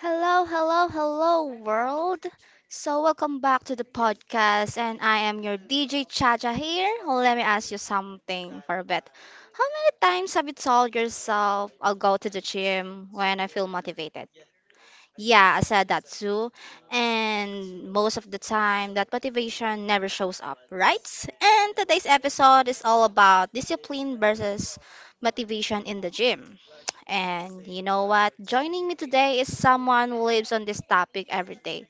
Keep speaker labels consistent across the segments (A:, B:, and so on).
A: Hello, hello, hello, world. So, welcome back to the podcast, and I am your DJ Chacha here. Well, let me ask you something for a bit. How many times have you told yourself, I'll go to the gym when I feel motivated? Yeah, I said that too. And most of the time, that motivation never shows up, right? And today's episode is all about discipline versus motivation in the gym. And you know what? Joining me today is someone who lives on this topic every day.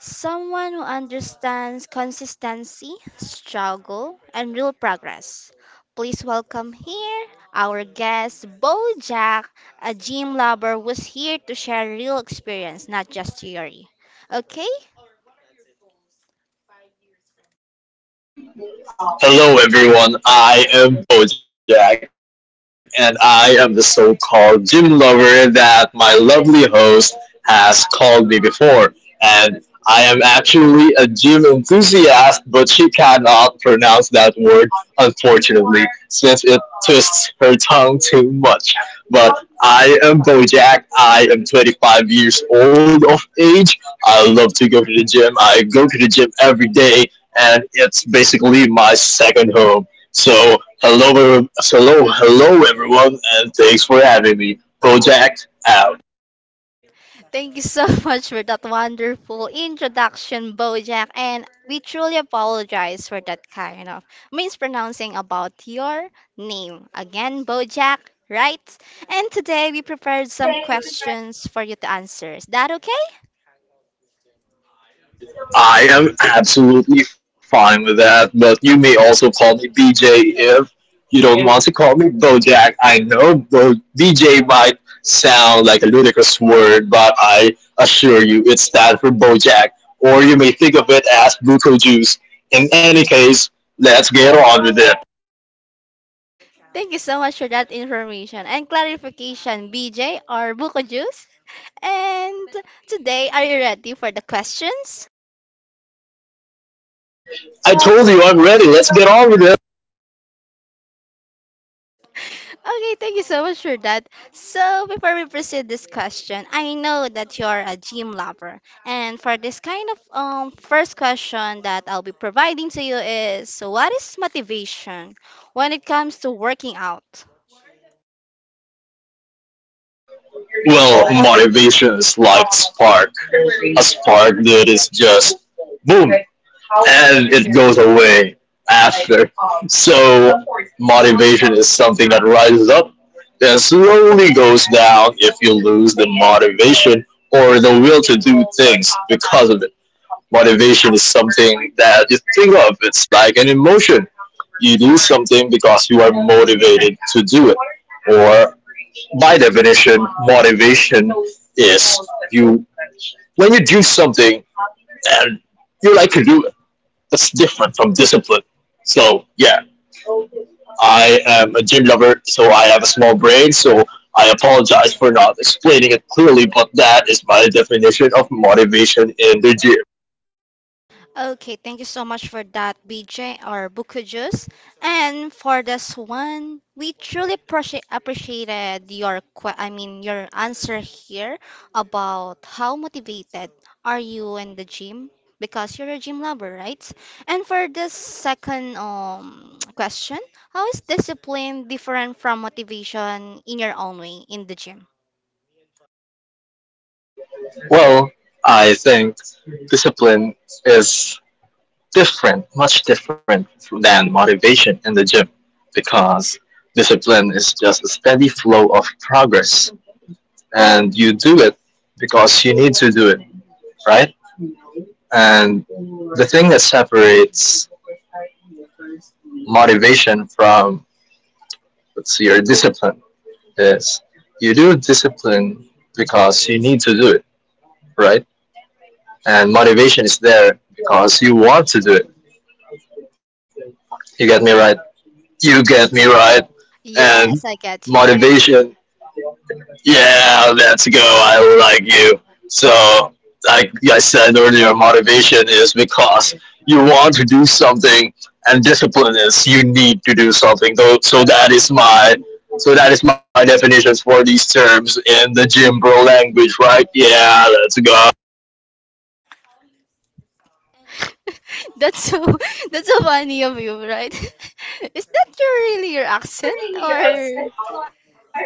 A: Someone who understands consistency, struggle, and real progress. Please welcome here our guest, Bo Jack, a gym lover who's here to share real experience, not just theory. Okay.
B: Hello, everyone. I am Bojack, and I am the so called gym lover that my lovely host has called me before. And I am actually a gym enthusiast, but she cannot pronounce that word, unfortunately, since it twists her tongue too much. But I am Bojack. I am 25 years old of age. I love to go to the gym. I go to the gym every day, and it's basically my second home. So hello, hello, hello, everyone, and thanks for having me. Bojack out.
A: Thank you so much for that wonderful introduction, Bojack. And we truly apologize for that kind of mispronouncing about your name. Again, Bojack, right? And today we prepared some questions for you to answer. Is that okay?
B: I am absolutely fine with that, but you may also call me BJ if you don't, yeah, want to call me Bojack. I know BJ might sound like a ludicrous word, but I assure you it stands for Bojack, or you may think of it as Buko Juice. In any case, let's get on with it.
A: Thank you so much for that information and clarification, BJ or Buko Juice. And today, are you ready for the questions?
B: I told you I'm ready. Let's get on with it.
A: Okay, thank you so much for that. So, before we proceed this question, I know that you're a gym lover. And for this kind of first question that I'll be providing to you is, what is motivation when it comes to working out?
B: Well, motivation is like spark. A spark that is just boom, and it goes away after. So motivation is something that rises up that slowly goes down if you lose the motivation or the will to do things because of it. Motivation is something that you think of, it's like an emotion. You do something because you are motivated to do it. Or, by definition, motivation is you when you do something and you like to do that's different from discipline. So yeah, I am a gym lover, so I have a small brain. So I apologize for not explaining it clearly, but that is my definition of motivation in the gym.
A: Okay, thank you so much for that, BJ or Buku Juice. And for this one, we truly appreciated your I mean your answer here about how motivated are you in the gym because you're a gym lover, right? And for this second question, how is discipline different from motivation in your own way in the gym?
B: Well, I think discipline is different, much different than motivation in the gym because discipline is just a steady flow of progress and you do it because you need to do it, right? And the thing that separates motivation from, let's see, your discipline is you do discipline because you need to do it, right? And motivation is there because you want to do it. You get me right? You get me right. And
A: Yes, I get.
B: motivation, yeah, let's go. I like you. So like I said earlier, motivation is because you want to do something, and discipline is you need to do something. Though, so that is my so that is my definitions for these terms in the gym bro language, right? Yeah, let's go.
A: That's so that's so funny of you, right? Is that your accent or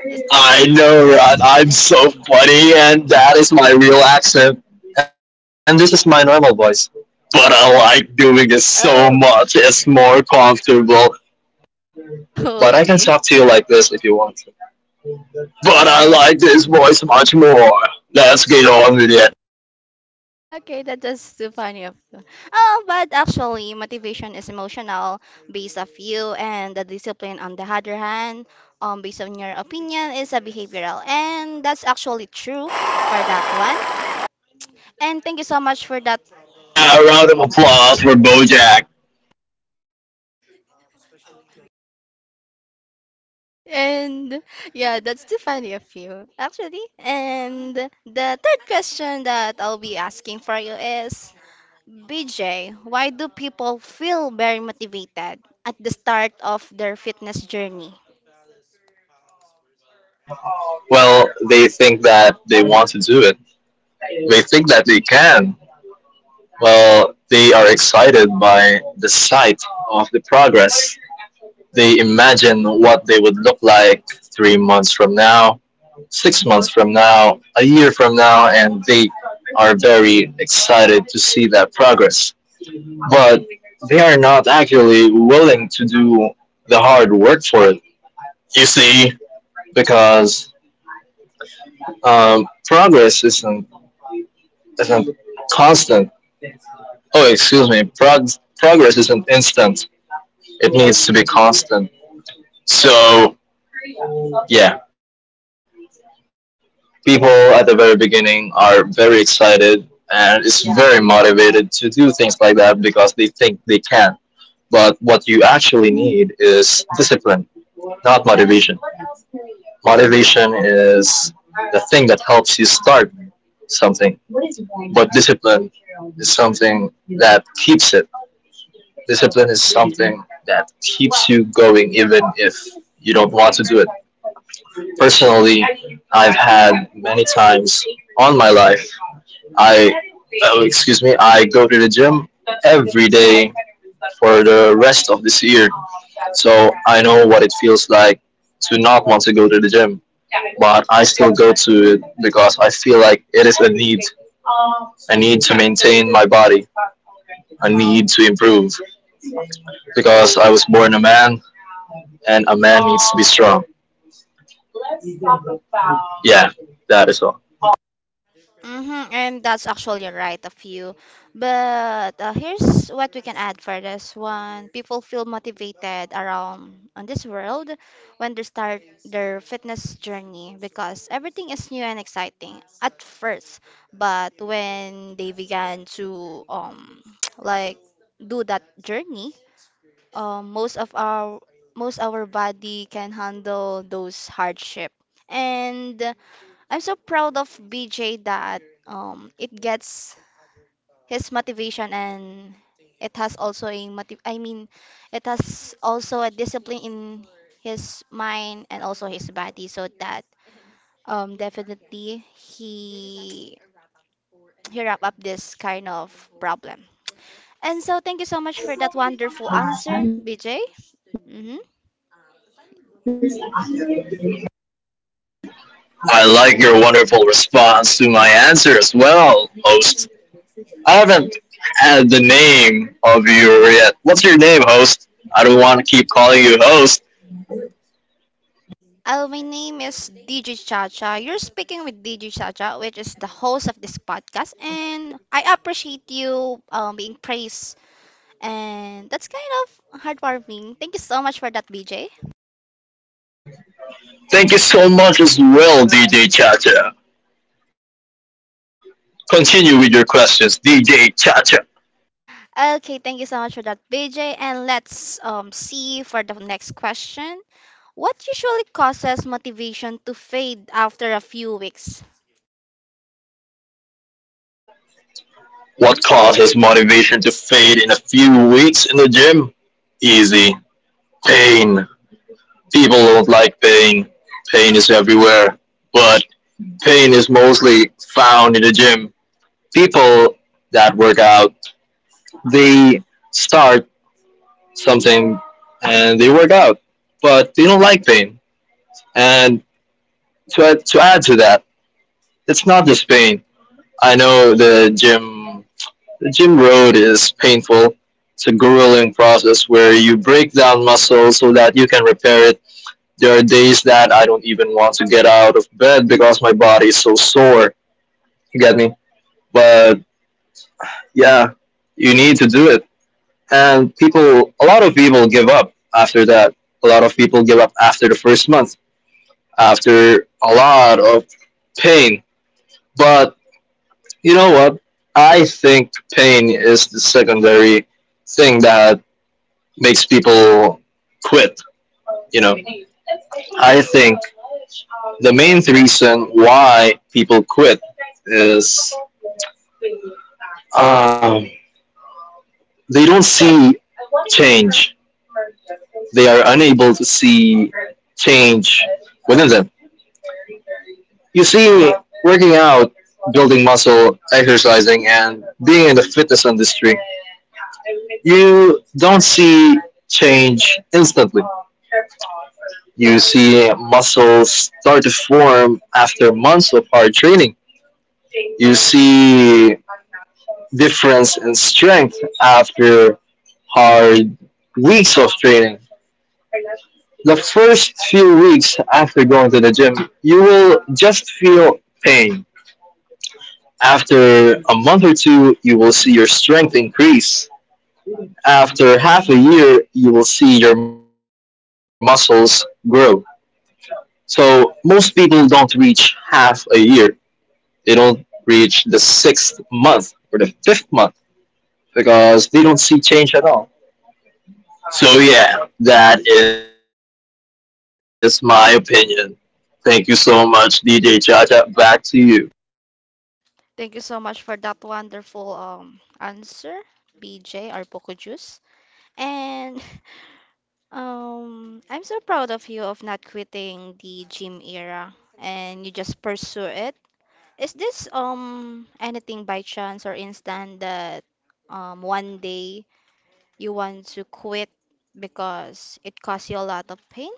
A: is
B: I know, right? I'm so funny, and that is my real accent, and this is my normal voice. But I like doing this so much.
A: oh,
B: It's more comfortable. But I can
A: okay.
B: talk to you like this if you want to. But I
A: Okay.
B: like this voice much more. Let's get on with it.
A: Okay, that is too funny of you. Oh, but actually, motivation is emotional based of you, and the discipline, on the other hand, based on your opinion, is a behavioral, and that's actually true for that one. And thank you so much for that.
B: Yeah, a round of applause for Bojack.
A: And yeah, that's too funny of you, actually. And the third question that I'll be asking for you is, BJ, why do people feel very motivated at the start of their fitness journey?
B: Well, they think that they want to do it. They think that they can. Well, they are excited by the sight of the progress. They imagine what they would look like 3 months from now, 6 months from now, a year from now, and they are very excited to see that progress. But they are not actually willing to do the hard work for it. You see, because progress isn't constant. Oh, excuse me. Progress isn't instant. It needs to be constant. So, yeah, people at the very beginning are very excited and is very motivated to do things like that because they think they can. But what you actually need is discipline, not motivation. Motivation is the thing that helps you start something, but is something that keeps it discipline is something that keeps you going even if you don't want to do it. Personally, I've had many times on my life, I, oh, excuse me, I go to the gym every day for the rest of this year. So I know what it feels like to not want to go to the gym, but I still go to it because I feel like it is a need I need to maintain my body. I need to improve. Because I was born a man, and a man needs to be strong. Yeah, that is all.
A: Mm-hmm, and that's actually right of you. But here's what we can add for this one. People feel motivated around on this world when they start their fitness journey because everything is new and exciting at first. But when they began to like do that journey, um most of our most our body can handle those hardship. And I'm so proud of BJ that it gets his motivation, and it has also a motiv I mean it has also a discipline in his mind and also his body so that definitely he wrap up this kind of problem. And so thank you so much for that wonderful answer, BJ. Mm-hmm.
B: I like your wonderful response to my answer as well, host. I haven't had the name of you yet. What's your name, host? I don't want to keep calling you host.
A: Oh, my name is DJ Chacha. You're speaking with DJ Chacha, which is the host of this podcast, and I appreciate you being praised. And that's kind of heartwarming. Thank you so much for that, BJ.
B: Thank you so much as well, DJ Chacha. Continue with your questions, DJ Chacha.
A: Okay, thank you so much for that, BJ. And let's see for the next question. What usually causes motivation to fade after a few weeks?
B: What caused his motivation to fade in a few weeks in the gym? Easy. Pain. People don't like pain. Pain is everywhere. But pain is mostly found in the gym. People that work out, they start something and they work out. But they don't like pain. And to add to that, it's not just pain. I know the gym The gym road is painful. It's a grueling process where you break down muscle so that you can repair it. There are days that I don't even want to get out of bed because my body is so sore. You get me? But yeah, you need to do it. And people, a lot of people give up after that. A lot of people give up after the first month, after a lot of pain. But you know what? I think pain is the secondary thing that makes people quit. You know, I think the main reason why people quit is, um, they don't see change. They are unable to see change within them. You see, working out, building muscle, exercising, and being in the fitness industry, you don't see change instantly. You see muscles start to form after months of hard training. You see difference in strength after hard weeks of training. The first few weeks after going to the gym, you will just feel pain. After a month or two, you will see your strength increase. After half a year, you will see your muscles grow. So, most people don't reach half a year, they don't reach the sixth month or the fifth month because they don't see change at all. So yeah, that is my opinion. Thank you so much, DJ Chacha. Back to you.
A: Thank you so much for that wonderful answer, BJ or Poco Juice. And I'm so proud of you of not quitting the gym era, and you just pursue it. Is this anything by chance or instant that one day you want to quit because it caused you a lot of pain?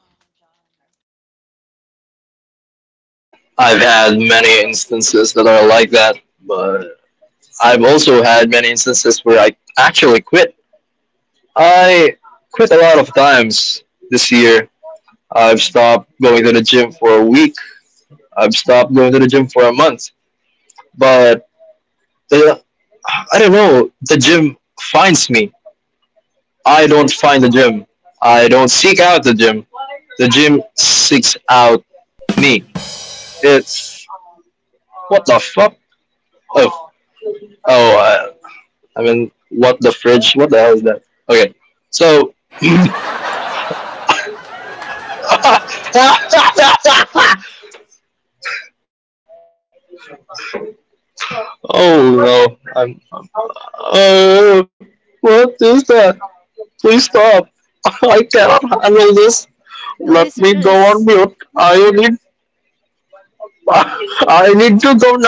B: I've had many instances that are like that, but I've also had many instances where I actually quit. I quit a lot of times this year. I've stopped going to the gym for a week. I've stopped going to the gym for a month. But the, I don't know, the gym finds me I don't find the gym. I don't seek out the gym. The gym seeks out me. It's what the fuck? Oh, oh. Uh, I mean, what the fridge? What the hell is that? Okay, so. Oh no! I'm. Uh, what is that? Please stop! I cannot handle this. Let me
A: The
B: go on mute.
A: listeners.
B: I need to go now.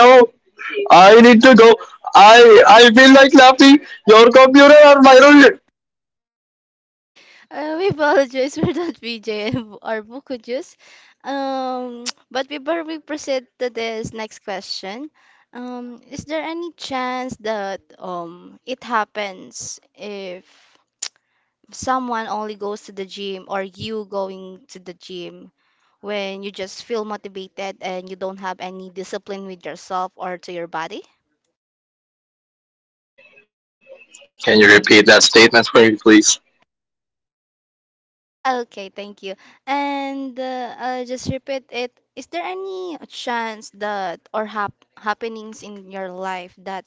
B: I need to go. I I feel like laughing. Your computer or my room?
A: We apologize for that BJ and our buko juice. Um, but before we proceed to this next question, is there any chance that it happens if someone only goes to the gym, or you going to the gym when you just feel motivated and you don't have any discipline with yourself or to your body?
B: Can you repeat that statement for me, please?
A: Okay, thank you. And I'll just repeat it. Is there any chance that or happenings in your life that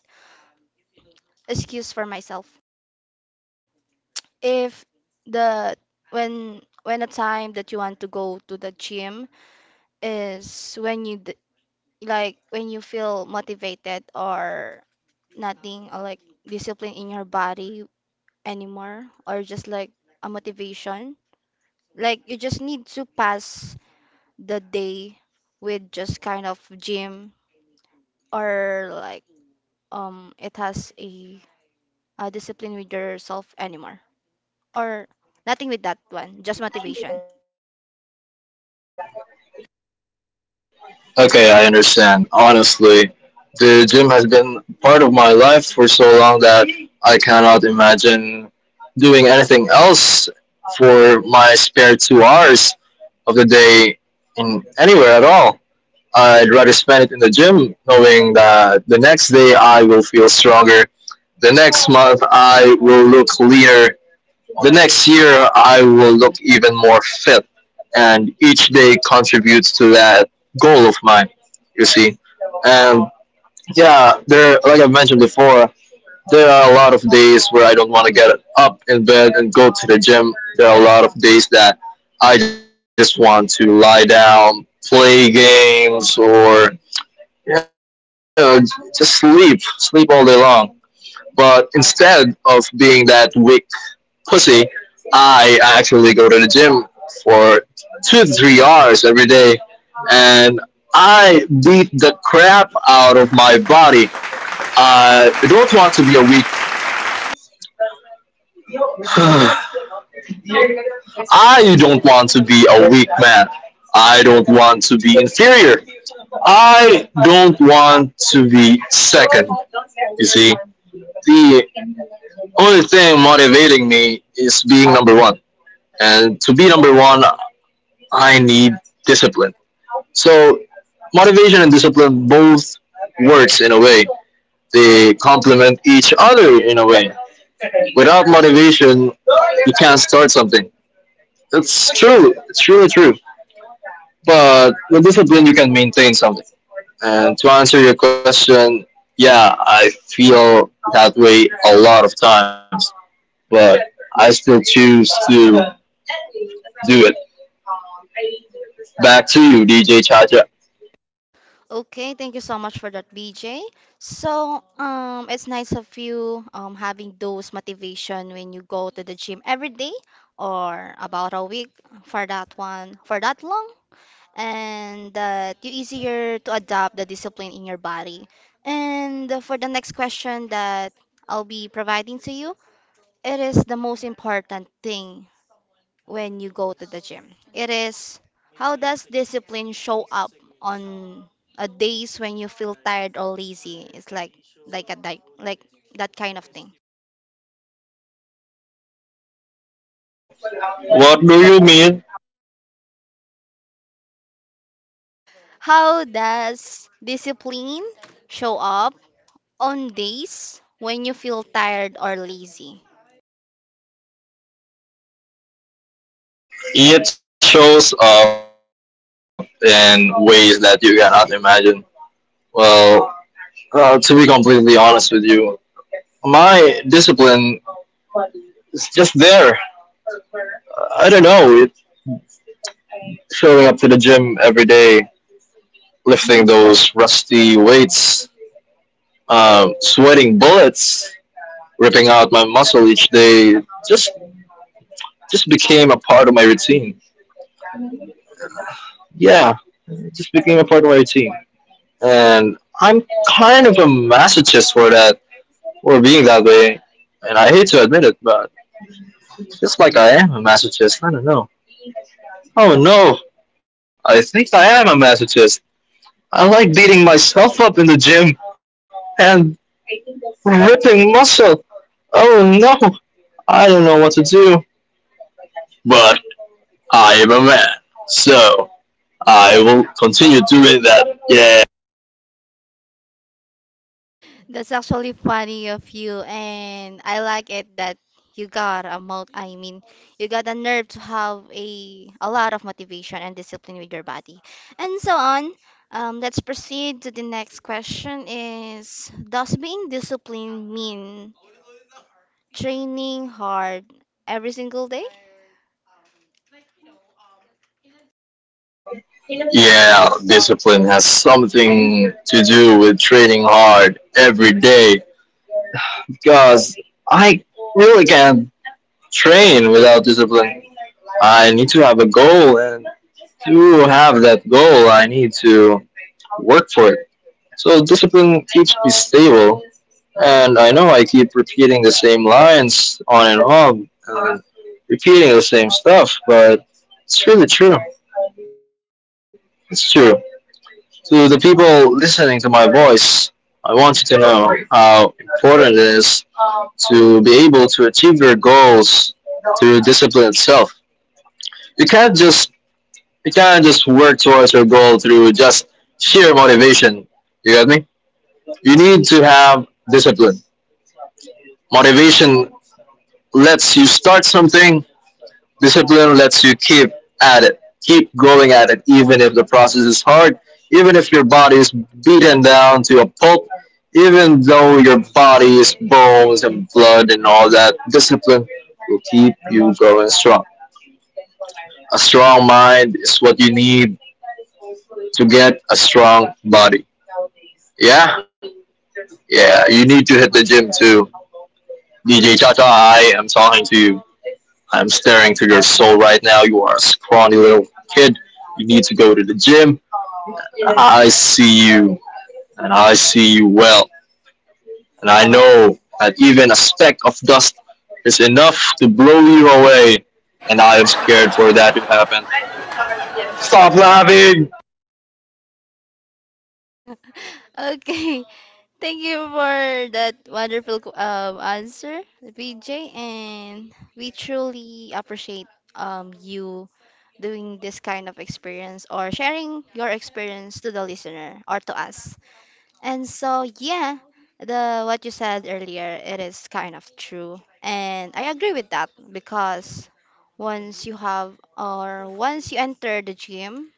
A: excuse for myself? If the when a time that you want to go to the gym is when you d like when you feel motivated, or nothing, or like discipline in your body anymore, or just like a motivation, like you just need to pass the day with just kind of gym, or like it has a discipline with yourself anymore, or nothing with that one, just motivation.
B: Okay, I understand. Honestly, the gym has been part of my life for so long that I cannot imagine doing anything else for my spare 2 hours of the day in anywhere at all. I'd rather spend it in the gym, knowing that the next day I will feel stronger. The next month I will look leaner. The next year I will look even more fit. And each day contributes to that goal of mine, you see. And yeah, there, like I've mentioned before, there are a lot of days where I don't want to get up in bed and go to the gym. There are a lot of days that I just want to lie down, play games, or you know, just sleep, sleep all day long. But instead of being that weak pussy, I actually go to the gym for 2 to 3 hours every day, and I beat the crap out of my body. I don't want to be a weak. I don't want to be a weak man. I don't want to be inferior. I don't want to be second. You see, the only thing motivating me is being number one, and to be number one, I need discipline. So, motivation and discipline both works in a way. They complement each other in a way. Without motivation, you can't start something. It's true. It's really true. But with discipline, you can maintain something. And to answer your question, yeah, I feel that way a lot of times, but I still choose to do it. Back to you, DJ Chacha.
A: Okay, thank you so much for that, BJ. So, it's nice of you having those motivation when you go to the gym every day or about a week, for that one, for that long, and that you easier to adopt the discipline in your body. And for the next question that I'll be providing to you, it is the most important thing when you go to the gym. It is, how does discipline show up on a days when you feel tired or lazy? It's like, like that kind of thing.
B: What do you mean
A: How does discipline show up on days when you feel tired or lazy?
B: It shows up in ways that you cannot imagine. Well, to be completely honest with you, my discipline is just there. I don't know. It, showing up to the gym every day, lifting those rusty weights, sweating bullets, ripping out my muscle each day, just just became a part of my routine. Yeah, it just became a part of my routine. And I'm kind of a masochist for that, for being that way. And I hate to admit it, but just like I am a masochist, I don't know. Oh no, I think I am a masochist. I like beating myself up in the gym and ripping muscle. Oh no, I don't know what to do. But I am a man, so I will continue doing that. Yeah.
A: That's actually funny of you, and I like it that you got a mot I mean, you got the nerve to have a lot of motivation and discipline with your body, and so on. Let's proceed to the next question: Is does being disciplined mean training hard every single day?
B: Yeah, discipline has something to do with training hard every day. Because I really can't train without discipline. I need to have a goal, and to have that goal, I need to work for it. So discipline keeps me stable, and I know I keep repeating the same lines on and off, and repeating the same stuff, but it's really true. It's true. To the people listening to my voice, I want you to know how important it is to be able to achieve your goals through discipline itself. You can't just you can't just work towards your goal through just sheer motivation. You got me? You need to have discipline. Motivation lets you start something. Discipline lets you keep at it, keep going at it, even if the process is hard, even if your body is beaten down to a pulp, even though your body is bones and blood and all that. Discipline will keep you going strong. A strong mind is what you need to get a strong body. Yeah? Yeah, you need to hit the gym too. DJ Chacha, I am talking to you. I'm staring to your soul right now. You are a scrawny little kid. You need to go to the gym. I see you, and I see you well. And I know that even a speck of dust is enough to blow you away. And I am scared for that to happen. Stop laughing!
A: Okay. Thank you for that wonderful answer, VJ, and we truly appreciate you doing this kind of experience or sharing your experience to the listener or to us. And so, yeah, the what you said earlier, it is kind of true, and I agree with that because once you have, or once you enter the gym,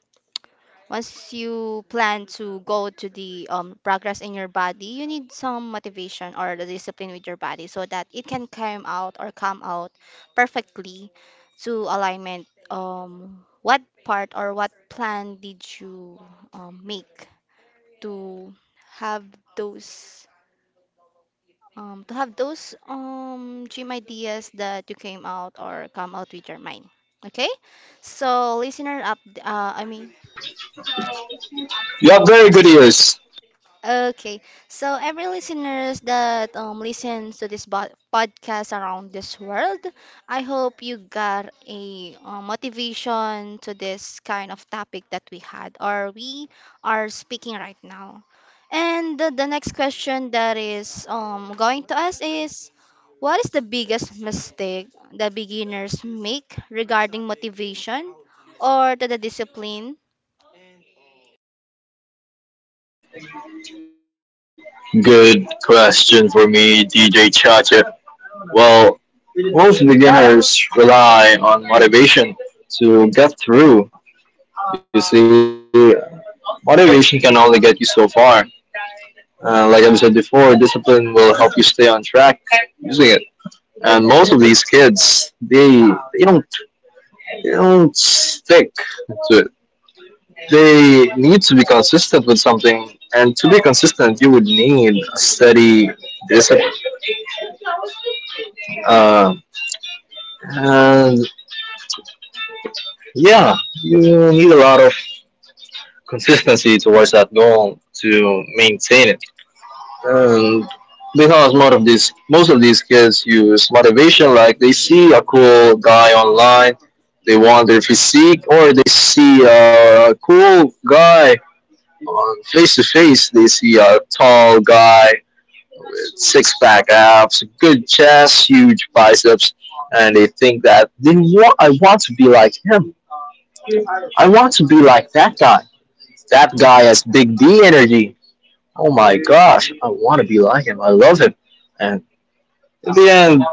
A: once you plan to go to the progress in your body, you need some motivation or the discipline with your body so that it can come out or come out perfectly to alignment. What part or what plan did you make to have those those dream ideas that you came out or come out with your mind? Okay, so listener up. I mean.
B: You have very good ears.
A: Okay, so every listeners that listens to this podcast around this world, I hope you got a motivation to this kind of topic that we had or we are speaking right now. And the next question that is going to us is, what is the biggest mistake that beginners make regarding motivation or to the discipline?
B: Good question for me, DJ Chacha. Well, most beginners rely on motivation to get through. You see, motivation can only get you so far. Like I've said before, discipline will help you stay on track using it. And most of these kids, they don't stick to it. They need to be consistent with something, and to be consistent, you would need a steady discipline. Uh, and yeah, you need a lot of consistency towards that goal to maintain it. And because most of these kids use motivation like they see a cool guy online, they want their physique, or they see a cool guy on face to face. They see a tall guy with six pack abs, good chest, huge biceps, and they think that they want, I want to be like him. I want to be like that guy. That guy has big D energy. Oh my gosh, I want to be like him. I love him. And in the end,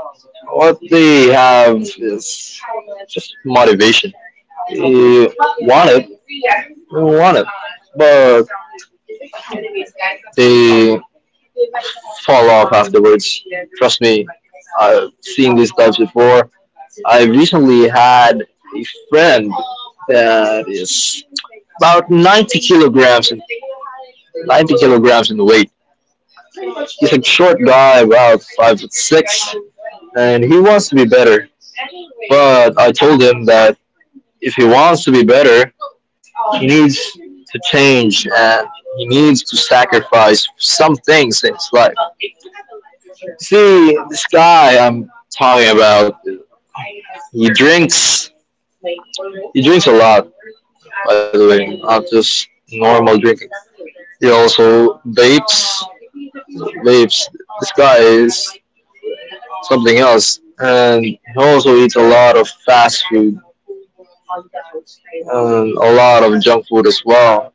B: what they have is just motivation. You want it, you want it, but they fall off afterwards. Trust me, I've seen these types before. I recently had a friend that is about 90 kilograms, 90 kilograms in weight. He's a short guy, about 5 foot six, and he wants to be better. But I told him that if he wants to be better, he needs to change and he needs to sacrifice some things in his life. See, this guy I'm talking about, he drinks he drinks a lot, by the way, not just normal drinking. He also vapes. Vapes. This guy is something else. And he also eats a lot of fast food and a lot of junk food as well.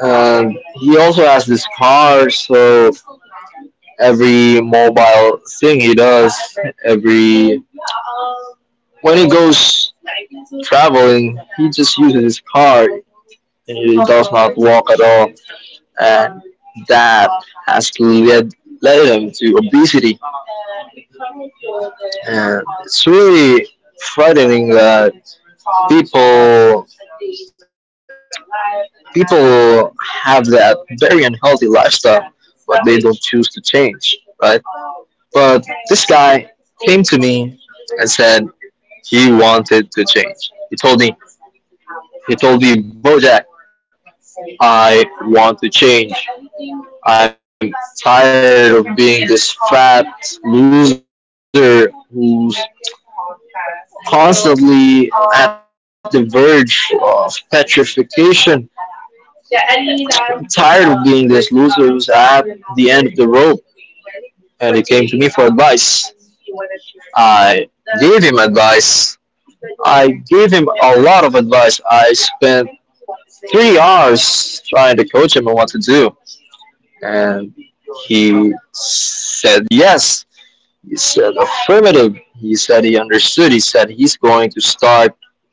B: And he also has this car, so every mobile thing he does, every when he goes traveling, he just uses his car and he does not walk at all, and that has led him to obesity, and it's really frightening that people people have that very unhealthy lifestyle, but they don't choose to change, right? But this guy came to me and said he wanted to change. He told me, Bojack, I want to change. I'm tired of being this fat loser who's constantly at the verge of petrification. I'm tired of being this loser who's at the end of the rope, and he came to me for advice. I gave him advice. I gave him a lot of advice. I spent 3 hours trying to coach him on what to do, and he said yes. He said affirmative. He said he understood. He said he's going to start tomorrow.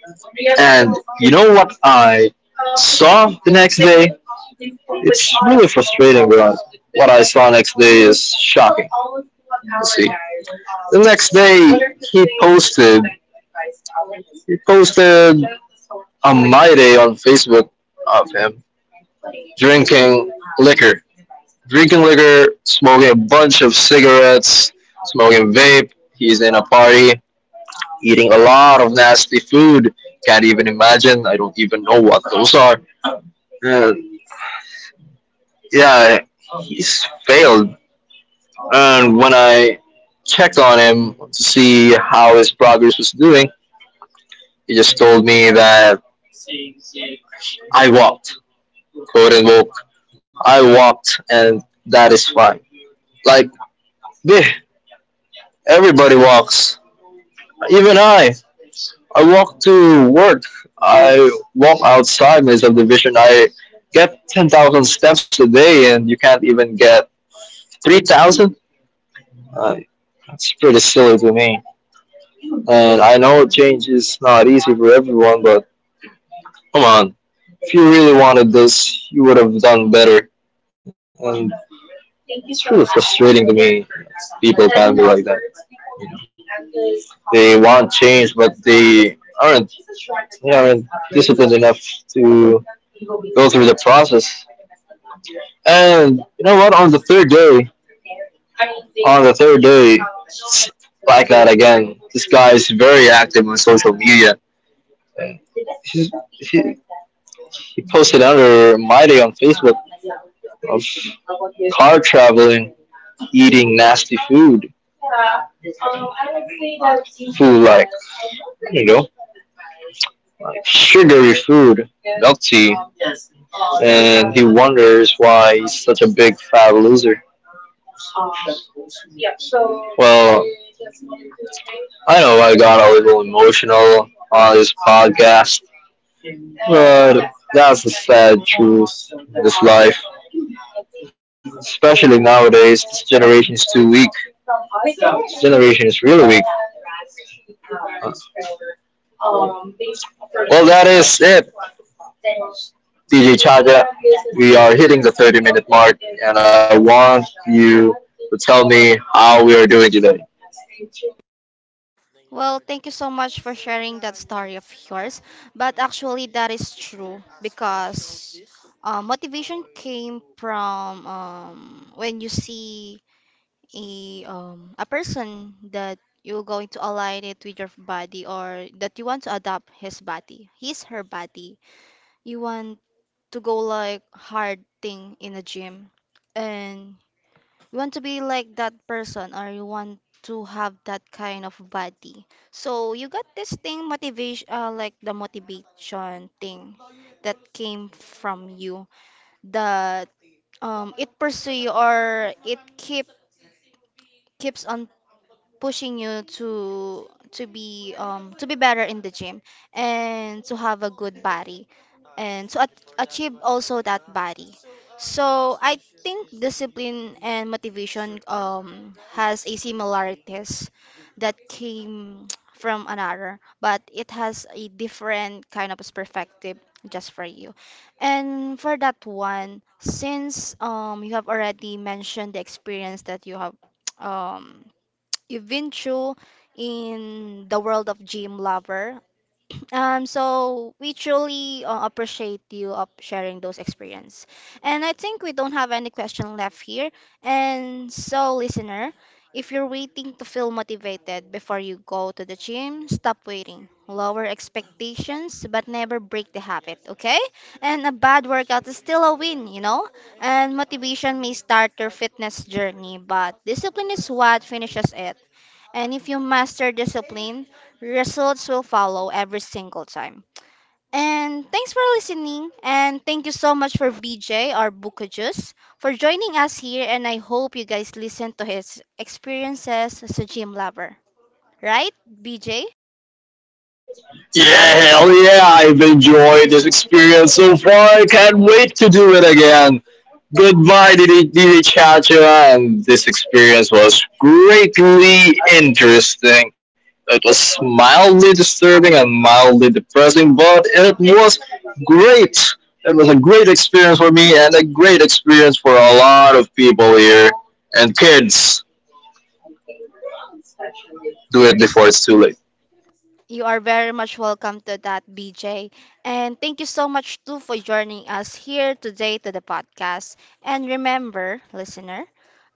B: And you know what I saw the next day? It's really frustrating, but what I saw next day is shocking. You see, the next day he posted a my day on Facebook of him drinking liquor, drinking liquor, smoking a bunch of cigarettes, smoking vape. He's in a party eating a lot of nasty food. Can't even imagine. I don't even know what those are. And yeah, he's failed. And when I checked on him to see how his progress was doing, he just told me that I walked, quote and woke. I walked, and that is fine. Like, bleh, everybody walks. Even I. I walk to work. I walk outside my subdivision. I get 10,000 steps a day and you can't even get 3,000? Uh, that's pretty silly to me. And I know change is not easy for everyone, but come on. If you really wanted this, you would have done better. And it's really frustrating to me. People can be like that. You know, they want change, but they aren't disciplined enough to go through the process. And you know what? On the third day, it's like that again. This guy is very active on social media. And he's, he, he posted under my day on Facebook of car traveling, eating nasty food. Um, Food like you know, like sugary food, milk tea, and he wonders why he's such a big fat loser. Well, I know I got a little emotional on this podcast, but that's the sad truth in this life. Especially nowadays, this generation is too weak. This generation is really weak. Well, that is it, DJ Chaja. We are hitting the 30-minute mark, and I want you to tell me how we are doing today.
A: Well, thank you so much for sharing that story of yours. But actually, that is true because motivation came from when you see a person that you're going to align it with your body, or that you want to adopt his body, his, her body. You want to go like hard thing in a gym, and you want to be like that person, or you want to have that kind of body. So you got this thing motivation, like the motivation thing that came from you, that it pursue you, or it keeps on pushing you to be to be better in the gym, and to have a good body, and to achieve also that body. So I think discipline and motivation has a similarities, that came from another, but it has a different kind of perspective just for you. And for that one, since you have already mentioned the experience that you have um you've been through in the world of gym lover. So we truly appreciate you of sharing those experience. And I think we don't have any question left here. And so, listener, if you're waiting to feel motivated before you go to the gym, stop waiting. Lower expectations, but never break the habit, okay? And a bad workout is still a win, you know? And motivation may start your fitness journey, but discipline is what finishes it. And if you master discipline, results will follow every single time. And thanks for listening. And thank you so much for BJ, our Bukajus, for joining us here. And I hope you guys listen to his experiences as a gym lover. Right, BJ?
B: Yeah, hell yeah, I've enjoyed this experience so far. I can't wait to do it again. Goodbye, Didi Chacha, and this experience was greatly interesting. It was mildly disturbing and mildly depressing, but it was great. It was a great experience for me and a great experience for a lot of people here. And kids, do it
A: Thank you.
B: before it's too late.
A: You are very much welcome to that, BJ. And thank you so much too for joining us here today to the podcast. And remember, listener,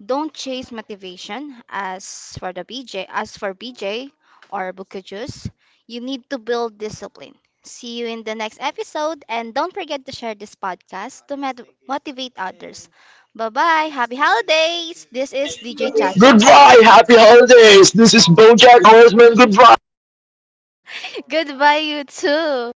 A: don't chase motivation, as for BJ or Buku Juice, you need to build discipline. See you in the next episode, and don't forget to share this podcast to motivate others. Bye-bye. Happy holidays. This is DJ Chacha.
B: Goodbye, happy holidays. This is Bojack Horseman. Goodbye.
A: Goodbye you too.